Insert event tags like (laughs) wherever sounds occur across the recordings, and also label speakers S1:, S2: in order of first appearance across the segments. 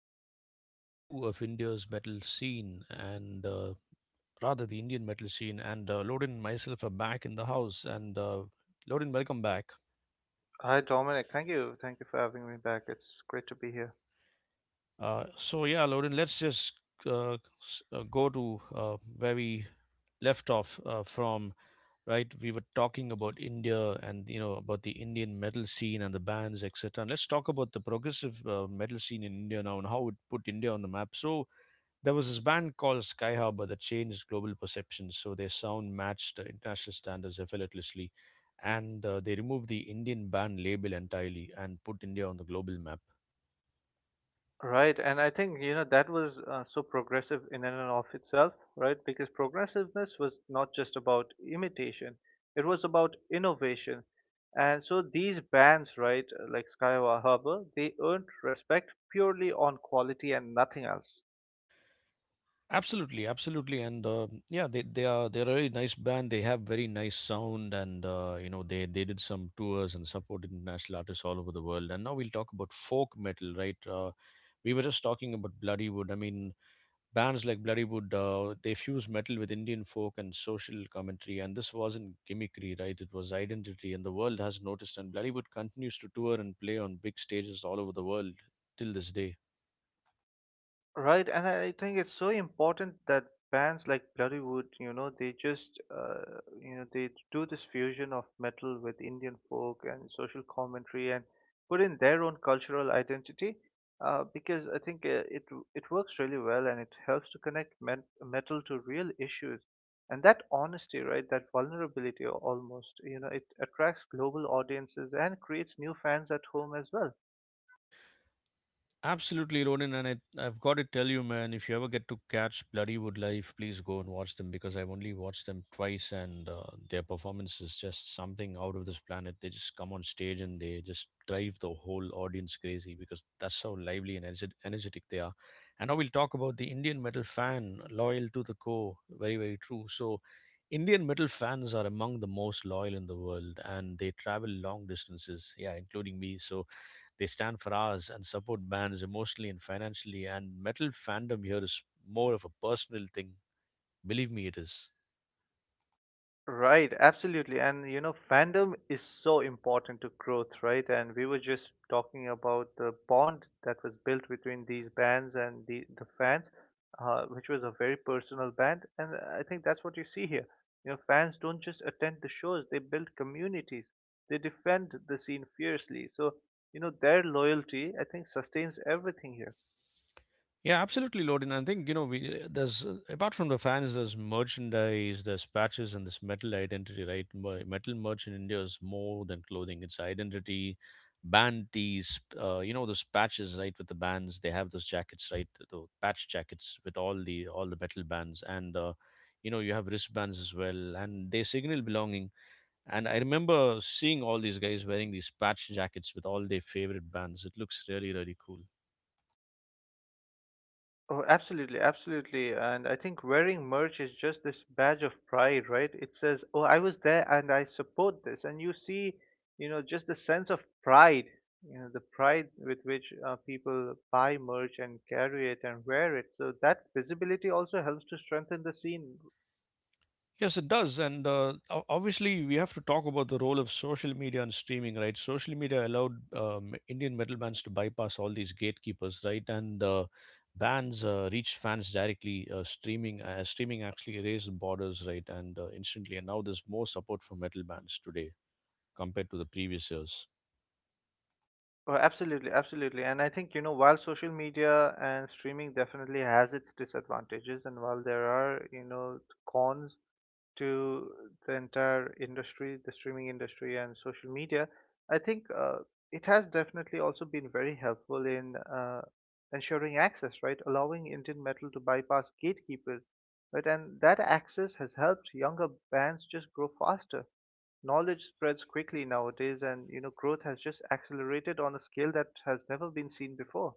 S1: This is part two of India's metal scene, and rather the Indian metal scene. And Loden and myself are back in the house. And Loden, welcome back.
S2: Hi, Dominic. Thank you. Thank you for having me back. It's great to be here.
S1: Yeah, Loden, let's just uh, go to where we left off from, right? We were talking about India and, you know, about the Indian metal scene and the bands, etc. And let's talk about the progressive metal scene in India now and how it put India on the map. So, there was this band called Sky Harbor that changed global perceptions, so their sound matched international standards effortlessly. And They removed the Indian band label entirely and put India on the global map.
S2: Right, and I think you know that was so progressive in and of itself, right? Because progressiveness was not just about imitation; it was about innovation. And so these bands, right, like Skyward Harbor, they earned respect purely on quality and nothing else.
S1: Absolutely, absolutely, and yeah, they're a really nice band. They have very nice sound, and you know they did some tours and supported international artists all over the world. And now we'll talk about folk metal, right? We were just talking about Bloody Wood. I mean, bands like Bloodywood, they fused metal with Indian folk and social commentary, and this wasn't gimmickry, right? It was identity, and the world has noticed. And Bloodywood continues to tour and play on big stages all over the world till this day.
S2: Right, and I think it's so important that bands like Bloodywood, you know, they just, you know, they do this fusion of metal with Indian folk and social commentary and put in their own cultural identity. Because I think it works really well and it helps to connect metal to real issues, and that honesty, right, that vulnerability almost, you know, it attracts global audiences and creates new fans at home as well.
S1: Absolutely, Ronin, and I've got to tell you, man, if you ever get to catch Bloody Wood live, please go and watch them because I've only watched them twice, and their performance is just something out of this planet. They just come on stage and they just drive the whole audience crazy because that's how lively and energetic they are. And now we'll talk about the Indian metal fan, loyal to the core, very, very true. So, Indian metal fans are among the most loyal in the world, and they travel long distances, yeah, including me. So they stand for hours and support bands emotionally and financially. And metal fandom here is more of a personal thing. Believe me, it is.
S2: Right, absolutely. And you know, fandom is so important to growth, right? And we were just talking about the bond that was built between these bands and the fans, which was a very personal band. And I think that's what you see here. You know, fans don't just attend the shows, they build communities, they defend the scene fiercely. So, you know, their loyalty, I think, sustains everything here.
S1: Yeah, absolutely, Lord. And I think you know, we there's apart from the fans, there's merchandise, there's patches, and this metal identity, right? Metal merch in India is more than clothing; it's identity. Band tees, you know those patches, right? With the bands, they have those jackets, right? The patch jackets with all the metal bands, and you know you have wristbands as well, and they signal belonging. And I remember seeing all these guys wearing these patch jackets with all their favorite bands. It looks really, really cool.
S2: Oh, absolutely, absolutely. And I think wearing merch is just this badge of pride, right? It says, "Oh, I was there and I support this." And you see, you know, just the sense of pride, you know, the pride with which people buy merch and carry it and wear it. So that visibility also helps to strengthen the scene.
S1: Yes, it does. Obviously, we have to talk about the role of social media and streaming, right? Social media allowed Indian metal bands to bypass all these gatekeepers, right? And bands reach fans directly. Streaming actually erased borders, right? And Instantly. And now there's more support for metal bands today compared to the previous years.
S2: Oh, absolutely, absolutely. And I think, you know, while social media and streaming definitely has its disadvantages, and while there are, you know, cons to the entire industry, the streaming industry, and social media, I think it has definitely also been very helpful in ensuring access, right? Allowing Indian metal to bypass gatekeepers, right? And that access has helped younger bands just grow faster. Knowledge spreads quickly nowadays, and you know, growth has just accelerated on a scale that has never been seen before.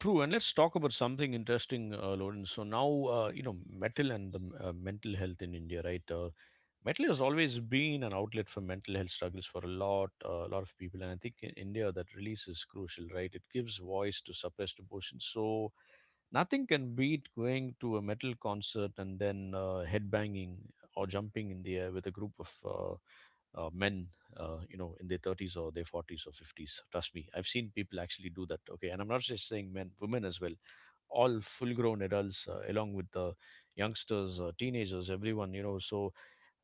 S1: True, and let's talk about something interesting, Lawrence. So now, you know, metal and the mental health in India, right? Metal has always been an outlet for mental health struggles for a lot of people, and I think in India that release is crucial, right? It gives voice to suppressed emotions. So nothing can beat going to a metal concert and then headbanging or jumping in the air with a group of men, you know, in their 30s or their 40s or 50s. Trust me, I've seen people actually do that. Okay, and I'm not just saying men, women as well, all full grown adults along with the youngsters, teenagers, everyone, you know. So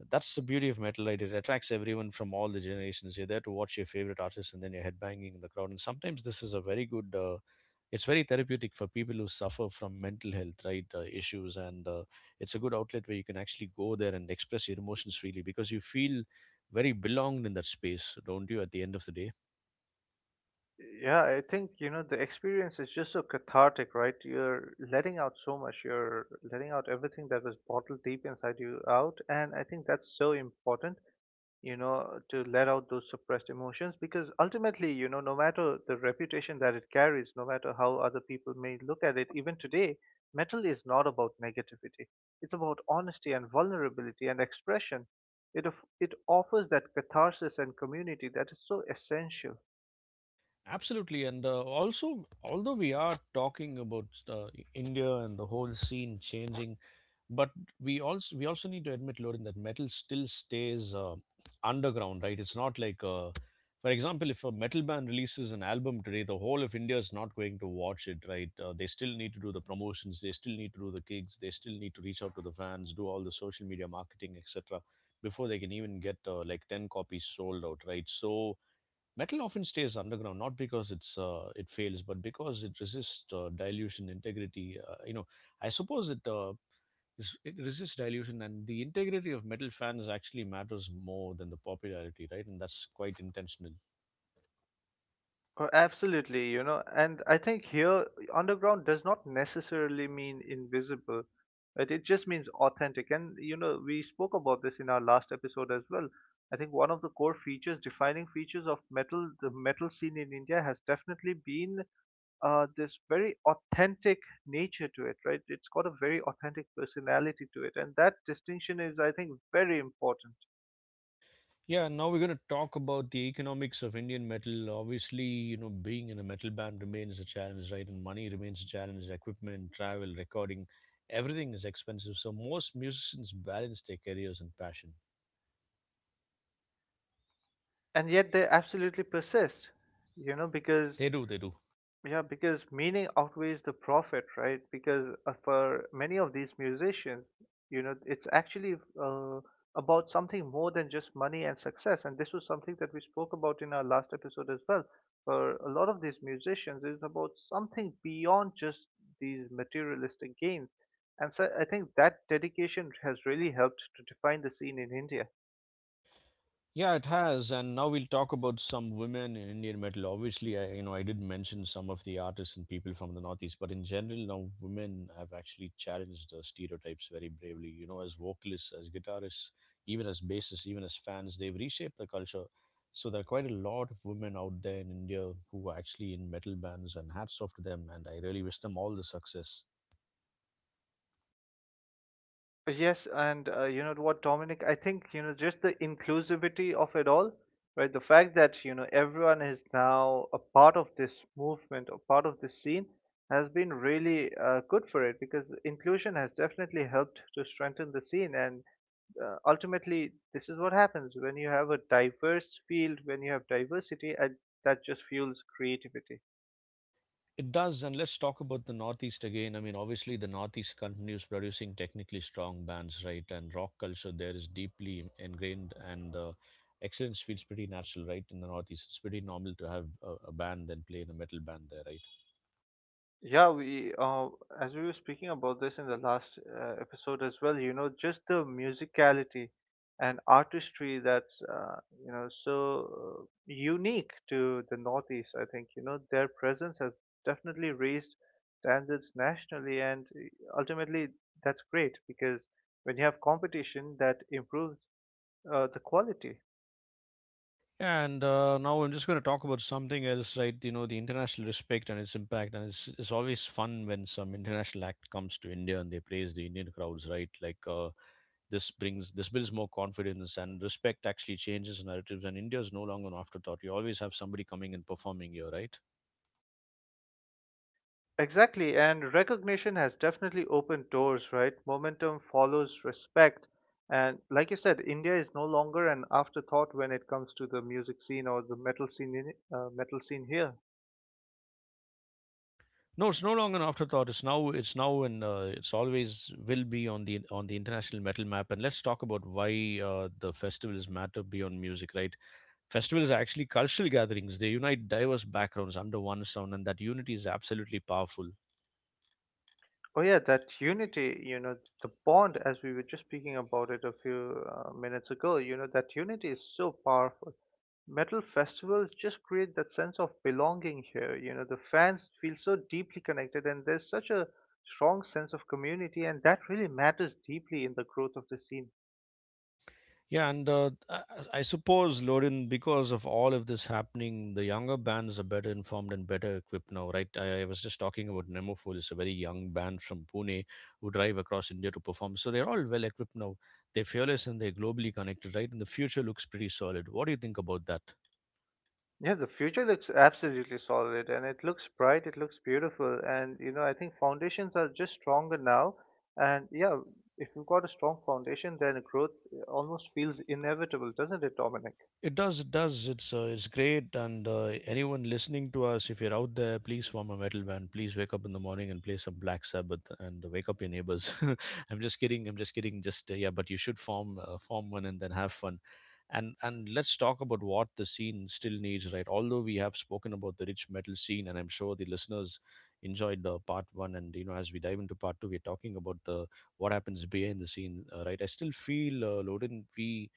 S1: that's the beauty of metal, right? It attracts everyone from all the generations. You're there to watch your favorite artist and then you're headbanging in the crowd, and sometimes this is a very good it's very therapeutic for people who suffer from mental health, right? Issues, and it's a good outlet where you can actually go there and express your emotions freely because you feel very belonged in that space, don't you, at the end of the day?
S2: Yeah, I think, you know, the experience is just so cathartic, right? You're letting out so much. You're letting out everything that was bottled deep inside you out. And I think that's so important, you know, to let out those suppressed emotions because ultimately, you know, no matter the reputation that it carries, no matter how other people may look at it, even today, metal is not about negativity. It's about honesty and vulnerability and expression. It offers that catharsis and community that is so essential.
S1: Absolutely, and also, although we are talking about India and the whole scene changing, but we also need to admit, Lorin, that metal still stays underground, right? It's not like, for example, if a metal band releases an album today, the whole of India is not going to watch it, right? They still need to do the promotions, they still need to do the gigs, they still need to reach out to the fans, do all the social media marketing, etc., before they can even get like ten copies sold out, right? So metal often stays underground, not because it fails, but because it resists dilution, integrity. You know, I suppose it is, it resists dilution, and the integrity of metal fans actually matters more than the popularity, right? And that's quite intentional.
S2: Oh, absolutely, you know, and I think here underground does not necessarily mean invisible. It just means authentic. And, you know, we spoke about this in our last episode as well. I think one of the core features, defining features of metal, the metal scene in India has definitely been this very authentic nature to it, right? It's got a very authentic personality to it. And that distinction is, I think, very important.
S1: Yeah, now we're going to talk about the economics of Indian metal. Obviously, you know, being in a metal band remains a challenge, right? And money remains a challenge. Equipment, travel, recording, everything is expensive. So most musicians balance their careers and passion.
S2: And yet they absolutely persist you know because
S1: They do, they do.
S2: yeah, because meaning outweighs the profit, right? Because for many of these musicians, you know, it's actually about something more than just money and success. And this was something that we spoke about in our last episode as well. For a lot of these musicians, it's about something beyond just these materialistic gains. And so I think that dedication has really helped to define the scene in India.
S1: Yeah, it has. And now we'll talk about some women in Indian metal. Obviously, you know, I did mention some of the artists and people from the Northeast, but in general, now women have actually challenged the stereotypes very bravely. You know, as vocalists, as guitarists, even as bassists, even as fans, they've reshaped the culture. So there are quite a lot of women out there in India who are actually in metal bands, and hats off to them. And I really wish them all the success.
S2: Yes, and you know what, Dominic? I think you know just the inclusivity of it all, right? The fact that you know everyone is now a part of this movement, a part of this scene, has been really good for it because inclusion has definitely helped to strengthen the scene. And ultimately, this is what happens when you have a diverse field, when you have diversity, and that just fuels creativity.
S1: It does, and let's talk about the Northeast again. I mean, obviously, the Northeast continues producing technically strong bands, right? And rock culture there is deeply ingrained, and excellence feels pretty natural, right? In the Northeast, it's pretty normal to have a band and play in a metal band there, right?
S2: Yeah, we as we were speaking about this in the last episode as well, you know, just the musicality and artistry that's you know so unique to the Northeast. I think you know their presence has definitely raised standards nationally, and ultimately that's great because when you have competition that improves the quality.
S1: Yeah, and now I'm just going to talk about something else, right? You know, the international respect and its impact, and it's always fun when some international act comes to India and they praise the Indian crowds, right? Like. This builds more confidence and respect. Actually, changes narratives, and India is no longer an afterthought. You always have somebody coming and performing here, right?
S2: Exactly, and recognition has definitely opened doors, right? Momentum follows respect. And like you said, India is no longer an afterthought when it comes to the music scene or the metal scene in, metal scene here.
S1: No, it's no longer an afterthought. It's now, and It's always will be on the international metal map. And let's talk about why the festivals matter beyond music, right? Festivals are actually cultural gatherings. They unite diverse backgrounds under one sound, and that unity is absolutely powerful.
S2: Oh yeah, that unity, you know, the bond as we were just speaking about it a few minutes ago, you know, that unity is so powerful. Metal festivals just create that sense of belonging here. You know, the fans feel so deeply connected and there's such a strong sense of community and that really matters deeply in the growth of the scene.
S1: Yeah, and I suppose, Lorin, because of all of this happening, the younger bands are better informed and better equipped now, right? I was just talking about Nemophil, it's a very young band from Pune who drive across India to perform. So they're all well equipped now. They're fearless and they're globally connected, right? And the future looks pretty solid. What do you think about that?
S2: Yeah, the future looks absolutely solid and it looks bright, it looks beautiful. And, you know, I think foundations are just stronger now. And yeah, if you've got a strong foundation, then growth almost feels inevitable, doesn't it, Dominic?
S1: It does, it does. It's great. And anyone listening to us, if you're out there, please form a metal band. Please wake up in the morning and play some Black Sabbath and wake up your neighbors. (laughs) I'm just kidding. I'm just kidding. Just yeah, but you should form one and then have fun. And let's talk about what the scene still needs. Right. Although we have spoken about the rich metal scene, and I'm sure the listeners enjoyed part one. And you know, as we dive into part two, we're talking about the what happens behind the scene. Right. I still feel Loden. We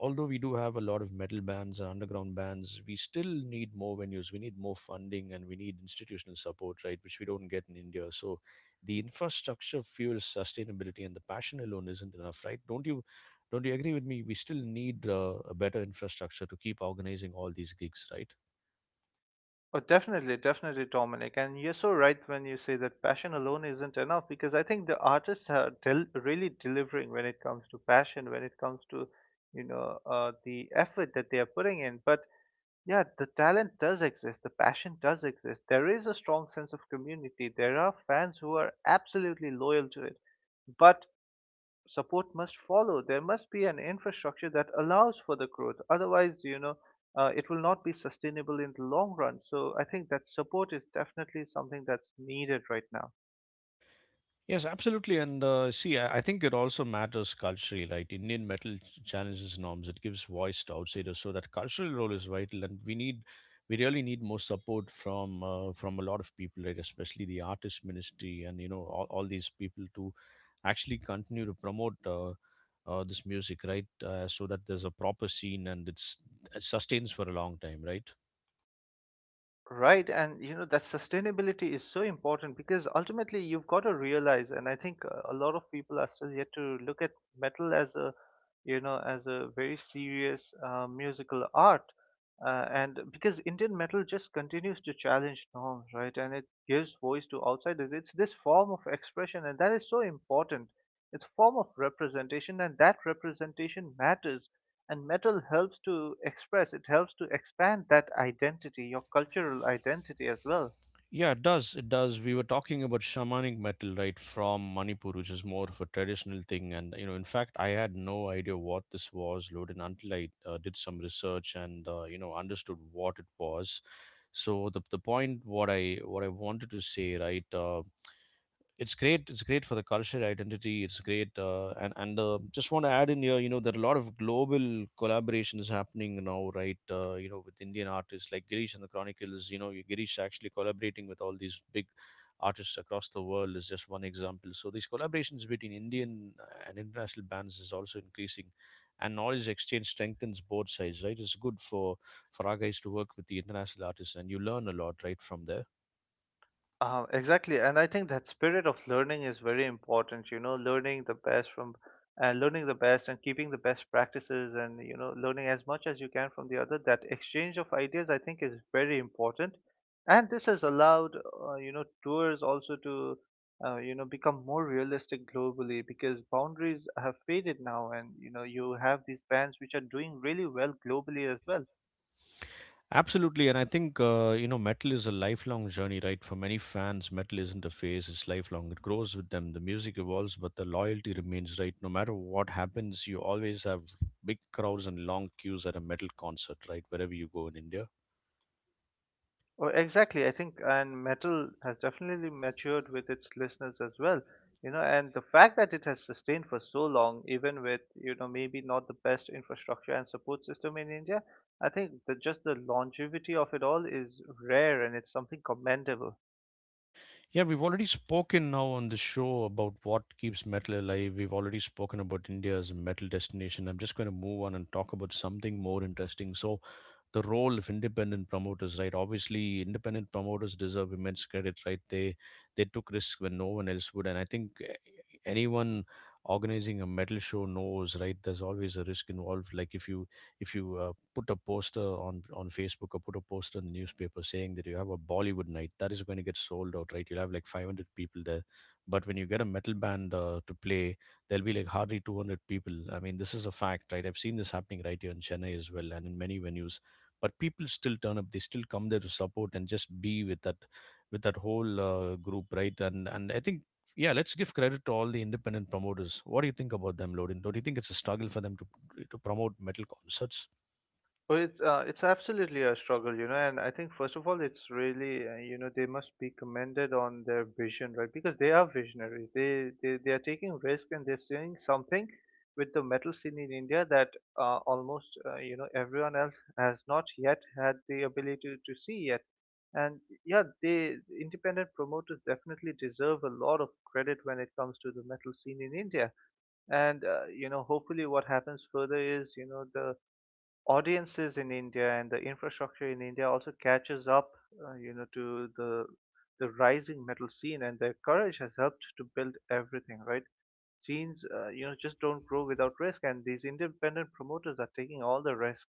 S1: although we do have a lot of metal bands and underground bands, we still need more venues. We need more funding and we need institutional support, right? Which we don't get in India. So the infrastructure fuels sustainability and the passion alone isn't enough, right? Don't you agree with me? We still need a better infrastructure to keep organizing all these gigs, right?
S2: Oh, definitely, definitely, Dominic. And you're so right when you say that passion alone isn't enough because I think the artists are really delivering when it comes to passion, when it comes to, you know, the effort that they are putting in. But yeah, the talent does exist, the passion does exist. There is a strong sense of community. There are fans who are absolutely loyal to it. But support must follow. There must be an infrastructure that allows for the growth. Otherwise, you know, it will not be sustainable in the long run. So I think that support is definitely something that's needed right now.
S1: Yes, absolutely. And see, I think it also matters culturally, right? Indian metal challenges norms. It gives voice to outsiders. So that cultural role is vital, and we really need more support from a lot of people, right? Especially the artist ministry and you know all these people to actually continue to promote this music, right? So that there's a proper scene and it sustains for a long time, right?
S2: Right, and you know that sustainability is so important because ultimately you've got to realize, and I think a lot of people are still yet to look at metal as a, you know, as a very serious musical art, and because Indian metal just continues to challenge norms, right, and it gives voice to outsiders. It's this form of expression, and that is so important. It's a form of representation, and that representation matters and metal helps to express it helps to expand that identity your cultural identity as well.
S1: Yeah, it does. It does. We were talking about shamanic metal, right, from Manipur, which is more of a traditional thing. And, you know, in fact, I had no idea what this was, Loden, until I did some research and, you know, understood what it was. So the point what I wanted to say, right, it's great, it's great for the culture identity. It's great, and just want to add in here, you know, there are a lot of global collaborations happening now, right? You know, with Indian artists like Girish and The Chronicles. You know, Girish actually collaborating with all these big artists across the world is just one example. So these collaborations between Indian and international bands is also increasing, and knowledge exchange strengthens both sides, right? It's good for our guys to work with the international artists, and you learn a lot, right, from there.
S2: Exactly, and I think that spirit of learning is very important. You know, learning the best from, and learning the best, and keeping the best practices, and you know, learning as much as you can from the other. That exchange of ideas, I think, is very important, and this has allowed, you know, tours also to, you know, become more realistic globally because boundaries have faded now, and you know, you have these bands which are doing really well globally as well.
S1: Absolutely, and I think you know, metal is a lifelong journey, right? For many fans, metal isn't a phase; it's lifelong. It grows with them. The music evolves, but the loyalty remains, right? No matter what happens, you always have big crowds and long queues at a metal concert, right? Wherever you go in India.
S2: Oh, exactly. I think, and metal has definitely matured with its listeners as well. You know, and the fact that it has sustained for so long, even with, you know, maybe not the best infrastructure and support system in India, I think that just the longevity of it all is rare and it's something commendable.
S1: Yeah, we've already spoken now on the show about what keeps metal alive. We've already spoken about India as a metal destination. I'm just going to move on and talk about something more interesting. So, the role of independent promoters, right? Obviously, independent promoters deserve immense credit, right? They took risks when no one else would, and I think anyone organizing a metal show knows, right? There's always a risk involved. Like if you put a poster on Facebook or put a poster in the newspaper saying that you have a Bollywood night, that is going to get sold out, right? You'll have like 500 people there. But when you get a metal band to play, there'll be like hardly 200 people. I mean, this is a fact, right? I've seen this happening right here in Chennai as well and in many venues. But people still turn up. They still come there to support and just be with that whole group, right? And I think, yeah, let's give credit to all the independent promoters. What do you think about them, Lodin? Don't you think it's a struggle for them to promote metal concerts?
S2: Well, it's absolutely a struggle, you know, and I think first of all, it's really you know they must be commended on their vision, right? Because they are visionaries. They are taking risk and they're seeing something with the metal scene in India that almost you know everyone else has not yet had the ability to see yet. And yeah, they independent promoters definitely deserve a lot of credit when it comes to the metal scene in India. And you know, hopefully, what happens further is you know the audiences in India and the infrastructure in India also catches up, you know, to the rising metal scene, and their courage has helped to build everything. Right, scenes, you know, just don't grow without risk, and these independent promoters are taking all the risk.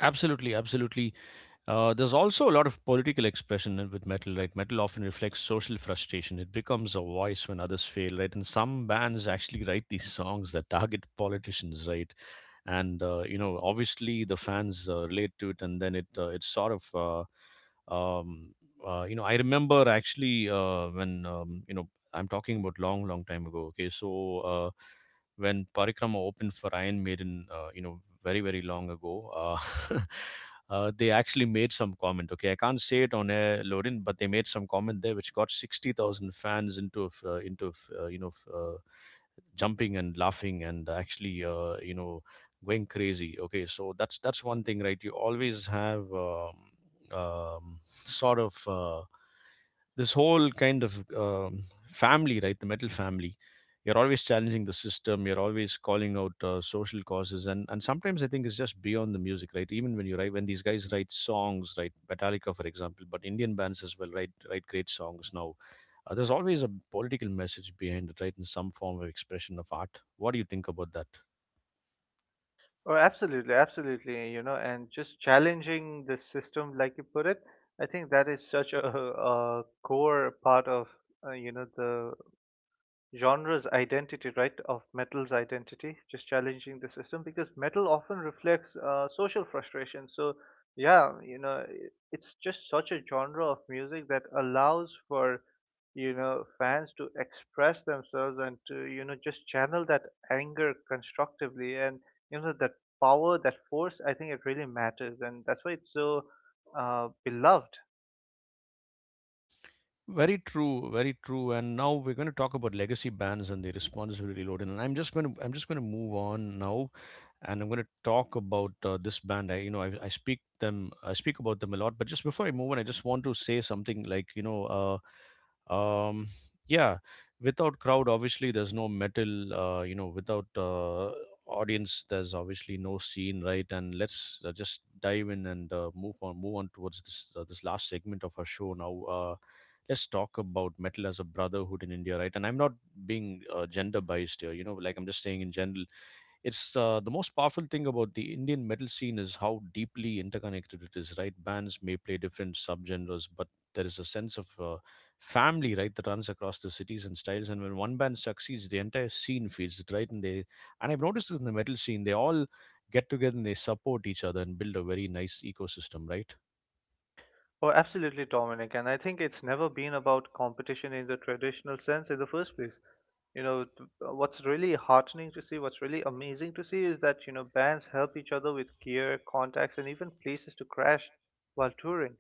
S1: Absolutely, absolutely. There's also a lot of political expression in- with metal, right? Metal often reflects social frustration. It becomes a voice when others fail, right? And some bands actually write these songs that target politicians, right? and you know, obviously the fans relate to it, and then it it sort of uh, um, you know, I remember actually, when you know, I'm talking about long, long time ago, okay? So when Parikrama opened for Iron Maiden, you know, very, very long ago, (laughs) they actually made some comment, okay, I can't say it on air, loading, but they made some comment there which got 60,000 fans into a f- you know f- jumping and laughing and actually, you know, going crazy, okay? So that's one thing, right? You always have sort of this whole kind of family, right, the metal family. You're always challenging the system, you're always calling out social causes, and sometimes I think it's just beyond the music, right? Even when you write, when these guys write songs, right, Metallica for example, but Indian bands as well write, great songs now. There's always a political message behind it, right, in some form of expression of art. What do you think about that?
S2: Oh, absolutely, absolutely, you know, and just challenging the system, like you put it. I think that is such a, (laughs) a core part of you know the genre's identity, right, of metal's identity, just challenging the system because metal often reflects social frustration. So, yeah, you know, it's just such a genre of music that allows for, you know, fans to express themselves and to, you know, just channel that anger constructively. And, you know, that power, that force, I think it really matters. And that's why it's so beloved.
S1: Very true, very true. And now we're going to talk about legacy bands and their responsibility load. And I'm just going to move on now and I'm going to talk about this band. I, you know, I speak them, I speak about them a lot. But just before I move on, I just want to say something like, you know, uh, um, yeah, without crowd, obviously there's no metal. You know, without audience, there's obviously no scene, right? And let's just dive in and move on towards this this last segment of our show now. Let's talk about metal as a brotherhood in India, right? And I'm not being gender biased here, you know, like I'm just saying in general, it's the most powerful thing about the Indian metal scene is how deeply interconnected it is, right? Bands may play different subgenres, but there is a sense of family, right, that runs across the cities and styles. And when one band succeeds, the entire scene feels it, right? And I've noticed this in the metal scene, they all get together and they support each other and build a very nice ecosystem, right?
S2: Oh,
S1: Well,
S2: absolutely,
S1: absolutely,
S2: Dominic.
S1: Dominic.
S2: And I
S1: And I
S2: think
S1: think
S2: it's
S1: it's
S2: never
S1: never
S2: been
S1: been
S2: about
S1: about
S2: competition in the
S1: competition in the
S2: traditional sense in the
S1: traditional sense
S2: first place.
S1: in the first place.
S2: You know,
S1: You know,
S2: what's
S1: what's
S2: really
S1: really
S2: heartening to
S1: heartening to
S2: see, what's
S1: see,
S2: really
S1: what's really
S2: amazing to
S1: amazing to
S2: see is
S1: see is
S2: that, you
S1: that,
S2: know,
S1: you know,
S2: bands
S1: bands
S2: help
S1: help
S2: each other
S1: each
S2: with
S1: other with
S2: gear,
S1: gear,
S2: contacts, and
S1: contacts,
S2: even
S1: and even
S2: places to
S1: places to
S2: crash
S1: crash
S2: while
S1: while
S2: touring.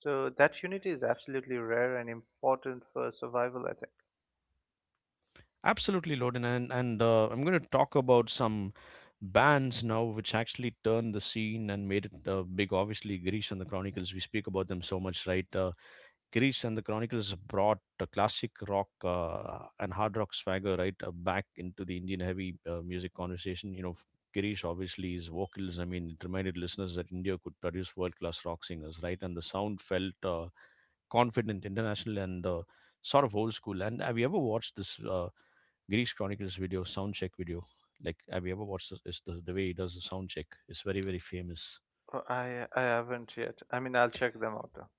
S2: So
S1: touring.
S2: that
S1: So that
S2: unity is
S1: unity is
S2: absolutely rare
S1: absolutely
S2: and
S1: rare and
S2: important
S1: important
S2: for survival, I think.
S1: to my Absolutely, Loden, and I'm going to talk about some bands now, which actually turned the scene and made it big. Obviously, Greece and The Chronicles. We speak about them so much, right? Grease and The Chronicles brought a classic rock and hard rock swagger, right, back into the Indian heavy music conversation. You know, Girish obviously his vocals. I mean, it reminded listeners that India could produce world class rock singers, right? And the sound felt confident, international, and sort of old school. And have you ever watched this Girish Chronicles video, sound check video? Like, have you ever watched this, is the way he does the sound check? It's very, very famous.
S2: Oh, I haven't yet. I mean, I'll check them out though.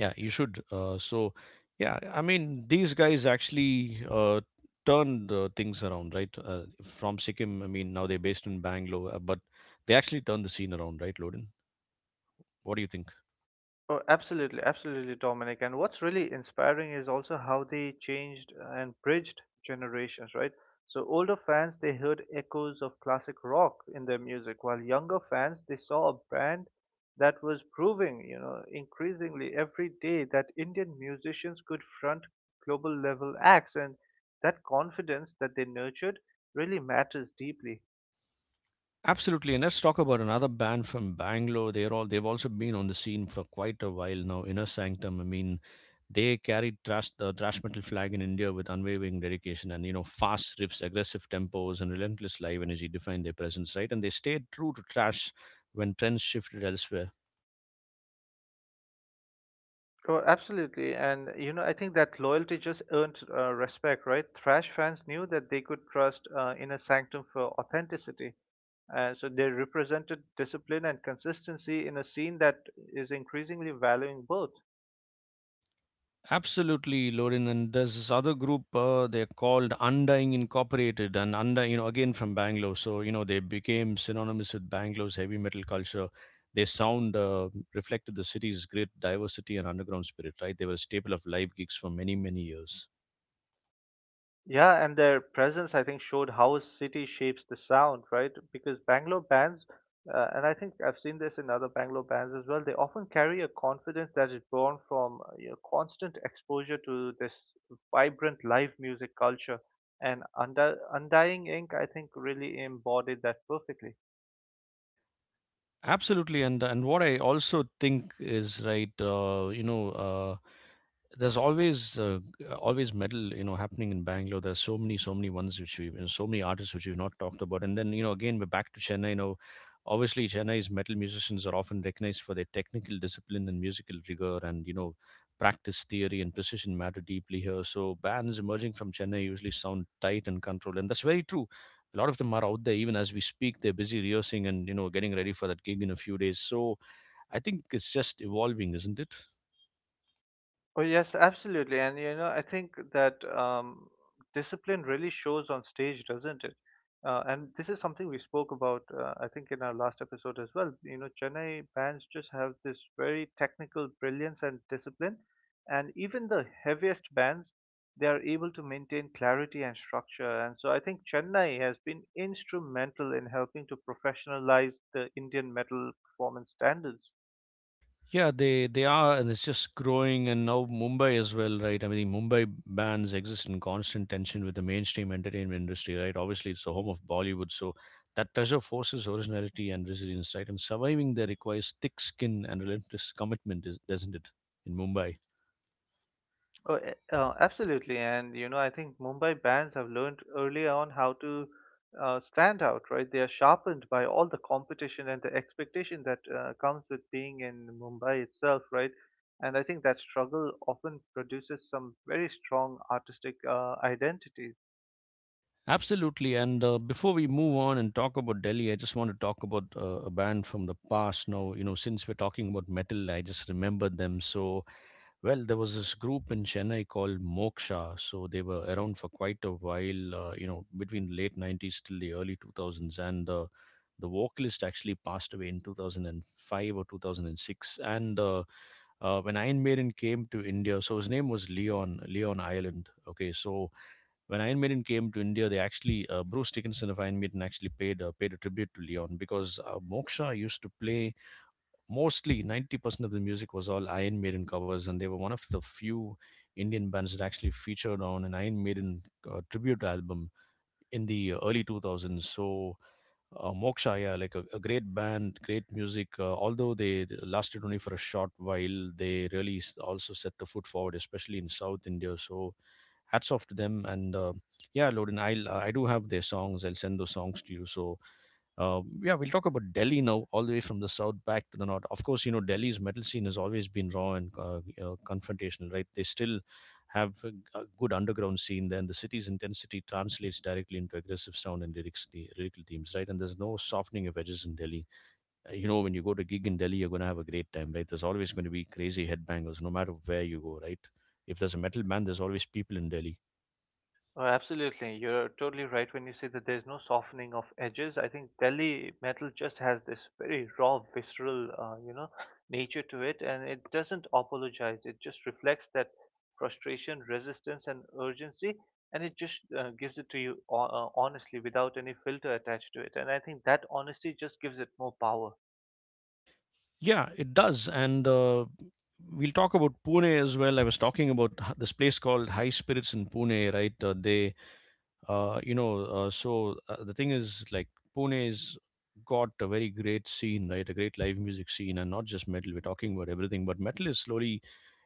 S1: Yeah, you should. So, yeah, I mean, these guys actually turned things around, right? From Sikkim, I mean, now they're based in Bangalore, but they actually turned the scene around, right, Loden? What do you think?
S2: Oh, absolutely, absolutely, Dominic. And what's really inspiring is also how they changed and bridged generations, right? So older fans, they heard echoes of classic rock in their music, while younger fans, they saw a band that was proving, you know, increasingly every day that Indian musicians could front global level acts. And that confidence that they nurtured really matters deeply.
S1: Absolutely, and let's talk about another band from Bangalore. They've also been on the scene for quite a while now. Inner Sanctum. I mean, they carried thrash, the thrash metal flag in India with unwavering dedication, and you know, fast riffs, aggressive tempos, and relentless live energy defined their presence, right? And they stayed true to thrash when trends shifted elsewhere.
S2: Oh, absolutely. And, you know, I think that loyalty just earned respect, right? Thrash fans knew that they could trust Inner Sanctum for authenticity. So they represented discipline and consistency in a scene that is increasingly valuing both.
S1: Absolutely, Lorin. And there's this other group, they're called Undying Incorporated, and Undying, you know, again from Bangalore. So, you know, they became synonymous with Bangalore's heavy metal culture. Their sound reflected the city's great diversity and underground spirit, right? They were a staple of live gigs for many, many years.
S2: Yeah, and their presence, I think, showed how a city shapes the sound, right? Because Bangalore bands, and I think I've seen this in other Bangalore bands as well, they often carry a confidence that is born from you know, constant exposure to this vibrant live music culture. And under Undying Ink, I think, really embodied that perfectly.
S1: Absolutely. And what I also think is, right, there's always metal, you know, happening in Bangalore. There's so many, ones which we and so many artists which we've not talked about. And then, you know, again we're back to Chennai. You know, obviously Chennai's metal musicians are often recognized for their technical discipline and musical rigor. And you know, practice, theory and precision matter deeply here. So bands emerging from Chennai usually sound tight and controlled, and that's very true. A lot of them are out there even as we speak, they're busy rehearsing and, you know, getting ready for that gig in a few days. So I think it's just evolving, isn't it?
S2: Oh, yes, absolutely. And you know, I think that discipline really shows on stage, doesn't it? And this is something we spoke about, I think, in our last episode as well. You know, Chennai bands just have this very technical brilliance and discipline. And even the heaviest bands, they are able to maintain clarity and structure. And so I think Chennai has been instrumental in helping to professionalize the Indian metal performance standards.
S1: Yeah, they are, and it's just growing. And now Mumbai as well, right? I mean, Mumbai bands exist in constant tension with the mainstream entertainment industry, right? Obviously, it's the home of Bollywood, so that pressure forces originality and resilience, right? And surviving there requires thick skin and relentless commitment, is, doesn't it? In Mumbai,
S2: Oh, absolutely. And, you know, I think Mumbai bands have learned early on how to stand out, right? They are sharpened by all the competition and the expectation that comes with being in Mumbai itself, right? And I think that struggle often produces some very strong artistic identities.
S1: absolutely. And before we move on and talk about Delhi, I just want to talk about a band from the past. Now, you know, since we're talking about metal, I just remembered them. So well, there was this group in Chennai called Moksha, so they were around for quite a while, you know, between the late 90s till the early 2000s. And the vocalist actually passed away in 2005 or 2006. And when Iron Maiden came to India, so his name was Leon, Leon Ireland. Okay, when Iron Maiden came to India, they actually, Bruce Dickinson of Iron Maiden actually paid, paid a tribute to Leon because Moksha used to play mostly 90% of the music was all Iron Maiden covers, and they were one of the few Indian bands that actually featured on an Iron Maiden tribute album in the early 2000s. So, Moksha, yeah, like a great band, great music. Although they lasted only for a short while, they really also set the foot forward, especially in South India. So, hats off to them. And yeah, Loden, I do have their songs. I'll send those songs to you. So yeah, we'll talk about Delhi now, all the way from the south back to the north. Of course, you know, Delhi's metal scene has always been raw and you know, confrontational, right? They still have a good underground scene there, and the city's intensity translates directly into aggressive sound and lyrics, the lyrical themes, right? And there's no softening of edges in Delhi. You know, when you go to gig in Delhi, you're going to have a great time, right? There's always going to be crazy headbangers, no matter where you go, right? If there's a metal band, there's always people in Delhi.
S2: Oh, absolutely. You're totally right when you say that there's no softening of edges. I think Delhi metal just has this very raw, visceral, you know, nature to it, and it doesn't apologize. It just reflects that frustration, resistance, and urgency, and it just gives it to you honestly without any filter attached to it. And I think that honesty just gives it more power.
S1: Yeah, it does. And we'll talk about Pune as well. I was talking about this place called High Spirits in Pune, right? They, you know, so the thing is, like, Pune's got a very great scene, right? A great live music scene, and not just metal. We're talking about everything, but metal is slowly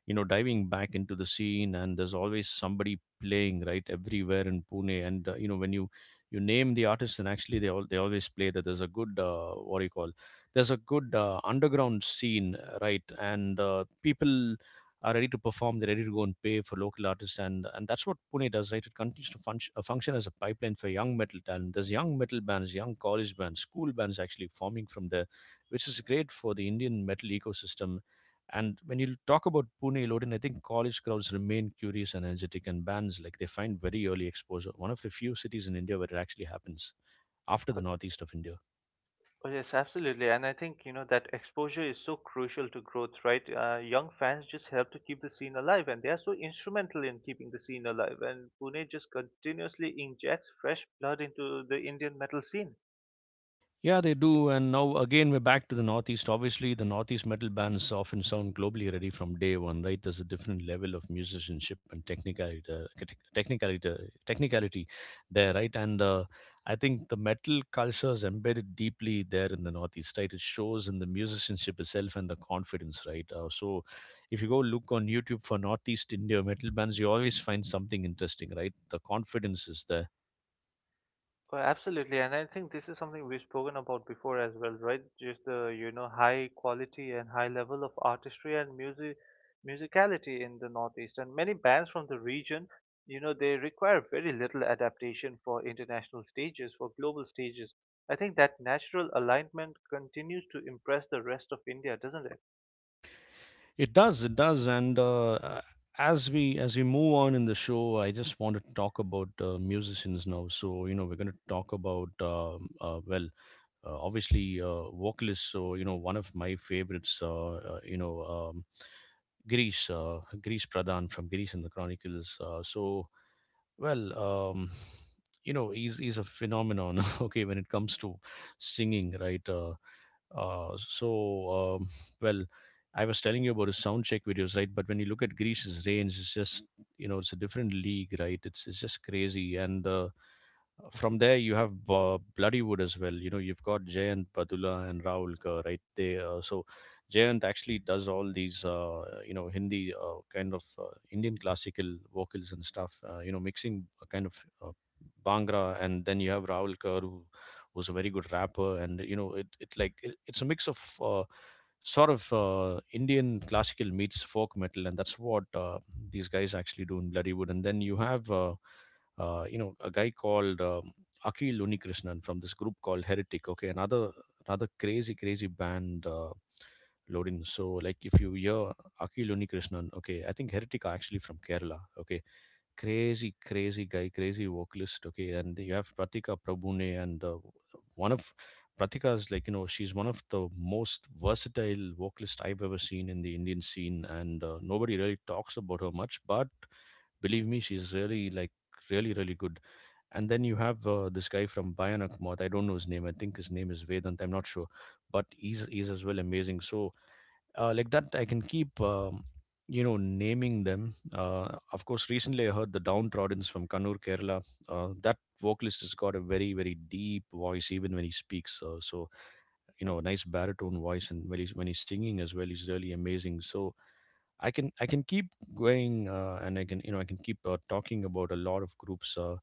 S1: you know diving back into the scene, and there's always somebody playing right everywhere in Pune. And you know, when you name the artists, and actually they always play that. There's a good what do you call, there's a good underground scene, right. And people are ready to perform, they're ready to go and pay for local artists. And that's what Pune does, right? It continues to function, function as a pipeline for young metal talent. There's young metal bands, young college bands, school bands actually forming from there, which is great for the Indian metal ecosystem. And when you talk about Pune, Lodin, I think college crowds remain curious and energetic, and bands like they find very early exposure. One of the few cities in India where it actually happens, after the northeast of India.
S2: Oh, yes, absolutely. And I think, you know, that exposure is so crucial to growth, right? Young fans just help to keep the scene alive, and they are so instrumental in keeping the scene alive. And Pune just continuously injects fresh blood into the Indian metal scene.
S1: Yeah, they do. And now again, we're back to the Northeast. Obviously, the Northeast metal bands often sound globally ready from day one, right? There's a different level of musicianship and technicality, technicality there, right? And I think the metal culture is embedded deeply there in the Northeast, right? It shows in the musicianship itself and the confidence, right? So if you go look on YouTube for Northeast India metal bands, you always find something interesting, right? The confidence is there.
S2: Well, absolutely, and I think this is something we've spoken about before as well, right? Just the you know high quality and high level of artistry and musicality in the Northeast, and many bands from the region, you know, they require very little adaptation for international stages, for global stages. I think that natural alignment continues to impress the rest of India, doesn't it?
S1: It does, and as we move on in the show, I just want to talk about musicians now. So you know, we're going to talk about obviously vocalists. So you know, one of my favorites, you know, Girish, Girish Pradhan from Girish and the Chronicles. Well, um, you know, he's a phenomenon. (laughs) Okay, when it comes to singing, right? Uh, so um, well, I was telling you about his sound check videos, right? But when you look at Greece's range, it's just you know, it's a different league, right? It's just crazy, and from there you have Bloodywood as well. You know, you've got Jayant Badula and Rahul Kerr, right there. So Jayant actually does all these, you know, Hindi kind of Indian classical vocals and stuff. You know, mixing a kind of uh, Bhangra, and then you have Rahul Kaur, who was a very good rapper, and you know, it's a mix of sort of Indian classical meets folk metal, and that's what these guys actually do in Bloodywood. And then you have, you know, a guy called Akil Unikrishnan from this group called Heretic. Okay, another crazy crazy band. Loading. So, like, if you hear Akil Unikrishnan, okay, I think Heretic are actually from Kerala, okay, crazy, crazy guy, crazy vocalist, okay, and you have Pratika Prabhune, and one of Pratika is like, you know, she's one of the most versatile vocalist I've ever seen in the Indian scene, and nobody really talks about her much, but believe me, she's really like really really good. And then you have this guy from Bionic Moth. I don't know his name. I think his name is Vedant, I'm not sure, but he's as well amazing. So like that, I can keep you know, naming them. Of course, recently I heard the Downtroddens from Kannur, Kerala. That vocalist has got a very very deep voice, even when he speaks. So you know, nice baritone voice, and when he's singing as well, he's really amazing. So I can keep going, and I can, you know, I can keep talking about a lot of groups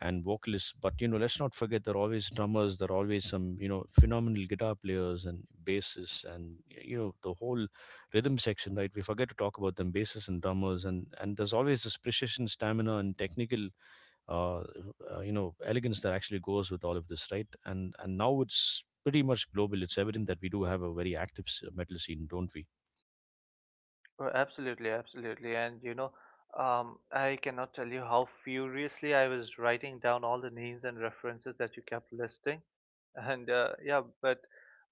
S1: and vocalists. But you know, let's not forget there are always drummers, there are always some you know phenomenal guitar players and bassists, and you know the whole rhythm section. Right, we forget to talk about them, bassists and drummers, and there's always this precision, stamina, and technical you know elegance that actually goes with all of this, right? And now it's pretty much global. It's evident that we do have a very active metal scene, don't we?
S2: Oh, absolutely, absolutely. And you know, I cannot tell you how furiously I was writing down all the names and references that you kept listing. And yeah, but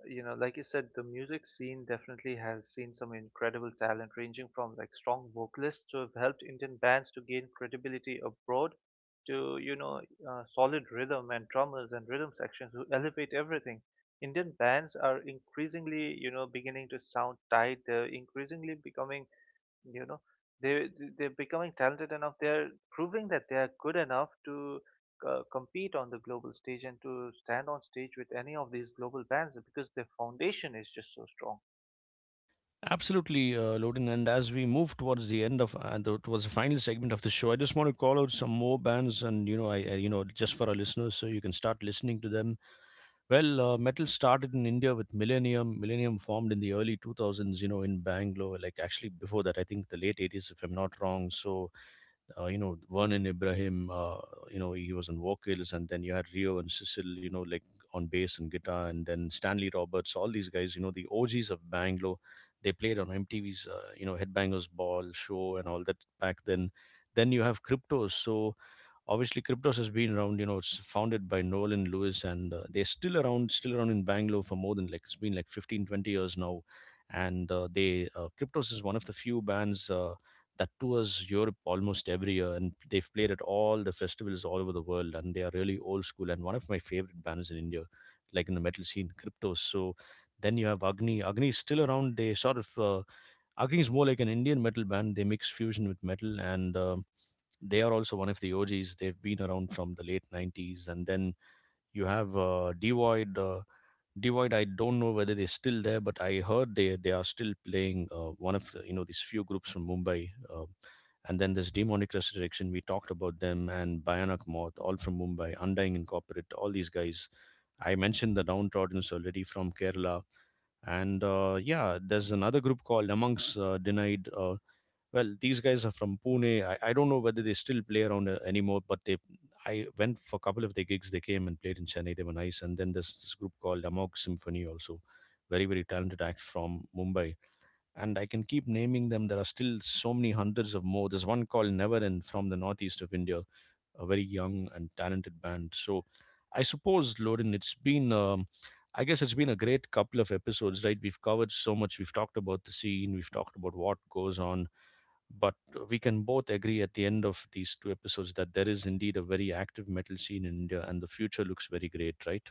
S2: you know, like you said, the music scene definitely has seen some incredible talent, ranging from like strong vocalists who have helped Indian bands to gain credibility abroad, to you know, solid rhythm and drummers and rhythm sections who elevate everything. Indian bands are increasingly, you know, beginning to sound tight. They're increasingly becoming you know they they're becoming talented enough, they're proving that they are good enough to compete on the global stage and to stand on stage with any of these global bands because their foundation is just so strong.
S1: Absolutely, Loden. And as we move towards the end of towards the final segment of the show, I just want to call out some more bands, and you know, I you know, just for our listeners, so you can start listening to them. Well, metal started in India with Millennium. Millennium formed in the early 2000s, you know, in Bangalore. Like actually, before that, I think the late 80s, if I'm not wrong. So you know, Vernon Ibrahim, you know, he was on vocals, and then you had Rio and Cecil, you know, like on bass and guitar, and then Stanley Roberts, all these guys, you know, the OGs of Bangalore, they played on MTV's, you know, Headbangers Ball show and all that back then. Then you have Cryptos, so obviously Cryptos has been around, you know, it's founded by Nolan Lewis, and they're still around, in Bangalore for more than, like, it's been like 15, 20 years now. And they Cryptos is one of the few bands that tours Europe almost every year, and they've played at all the festivals all over the world, and they are really old school, and one of my favorite bands in India, like in the metal scene, Cryptos. So then you have Agni. Agni is still around. They sort of Agni is more like an Indian metal band. They mix fusion with metal, and they are also one of the OGs. They've been around from the late 90s. And then you have Devoid. Devoid, I don't know whether they're still there, but I heard they are still playing, one of the, you know, these few groups from Mumbai. And then there's Demonic Resurrection. We talked about them, and Bionic Moth, all from Mumbai. Undying Incorporate, all these guys. I mentioned the Downtroddens already from Kerala. And yeah, there's another group called Amongst Denied. Well, these guys are from Pune. I don't know whether they still play around anymore, but they I went for a couple of their gigs. They came and played in Chennai. They were nice. And then there's this group called Amog Symphony also. Very, very talented act from Mumbai. And I can keep naming them. There are still so many hundreds of more. There's one called Never from the northeast of India, a very young and talented band. So I suppose, Lorin, it's been I guess it's been a great couple of episodes, right? We've covered so much. We've talked about the scene. We've talked about what goes on, but we can both agree at the end of these two episodes that there is indeed a very active metal scene in India and the future looks very great, right?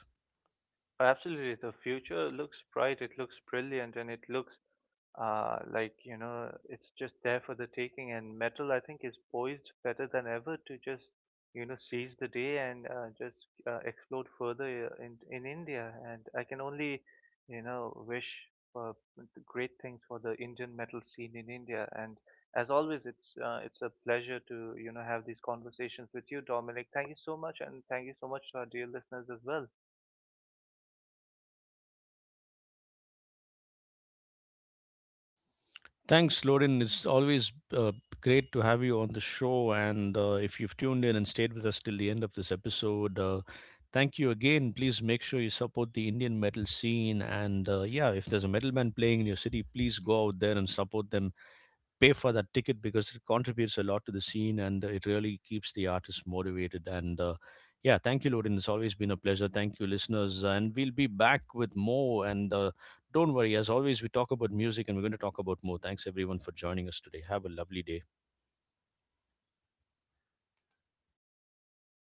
S2: Absolutely. The future looks bright, it looks brilliant, and it looks uh, like, you know, it's just there for the taking, and metal, I think, is poised better than ever to just, you know, seize the day and just explode further in India. And I can only, you know, wish for great things for the Indian metal scene in India. And as always, it's a pleasure to, you know, have these conversations with you, Dominic. Thank you so much, and thank you so much to our dear listeners as well.
S1: Thanks, Lorin. It's always great to have you on the show. And if you've tuned in and stayed with us till the end of this episode, thank you again. Please make sure you support the Indian metal scene. And yeah, if there's a metal band playing in your city, please go out there and support them, pay for that ticket, because it contributes a lot to the scene and it really keeps the artist motivated. And yeah, thank you, Lorin. It's always been a pleasure. Thank you, listeners. And we'll be back with more. And don't worry, as always, we talk about music and we're going to talk about more. Thanks, everyone, for joining us today. Have a lovely day.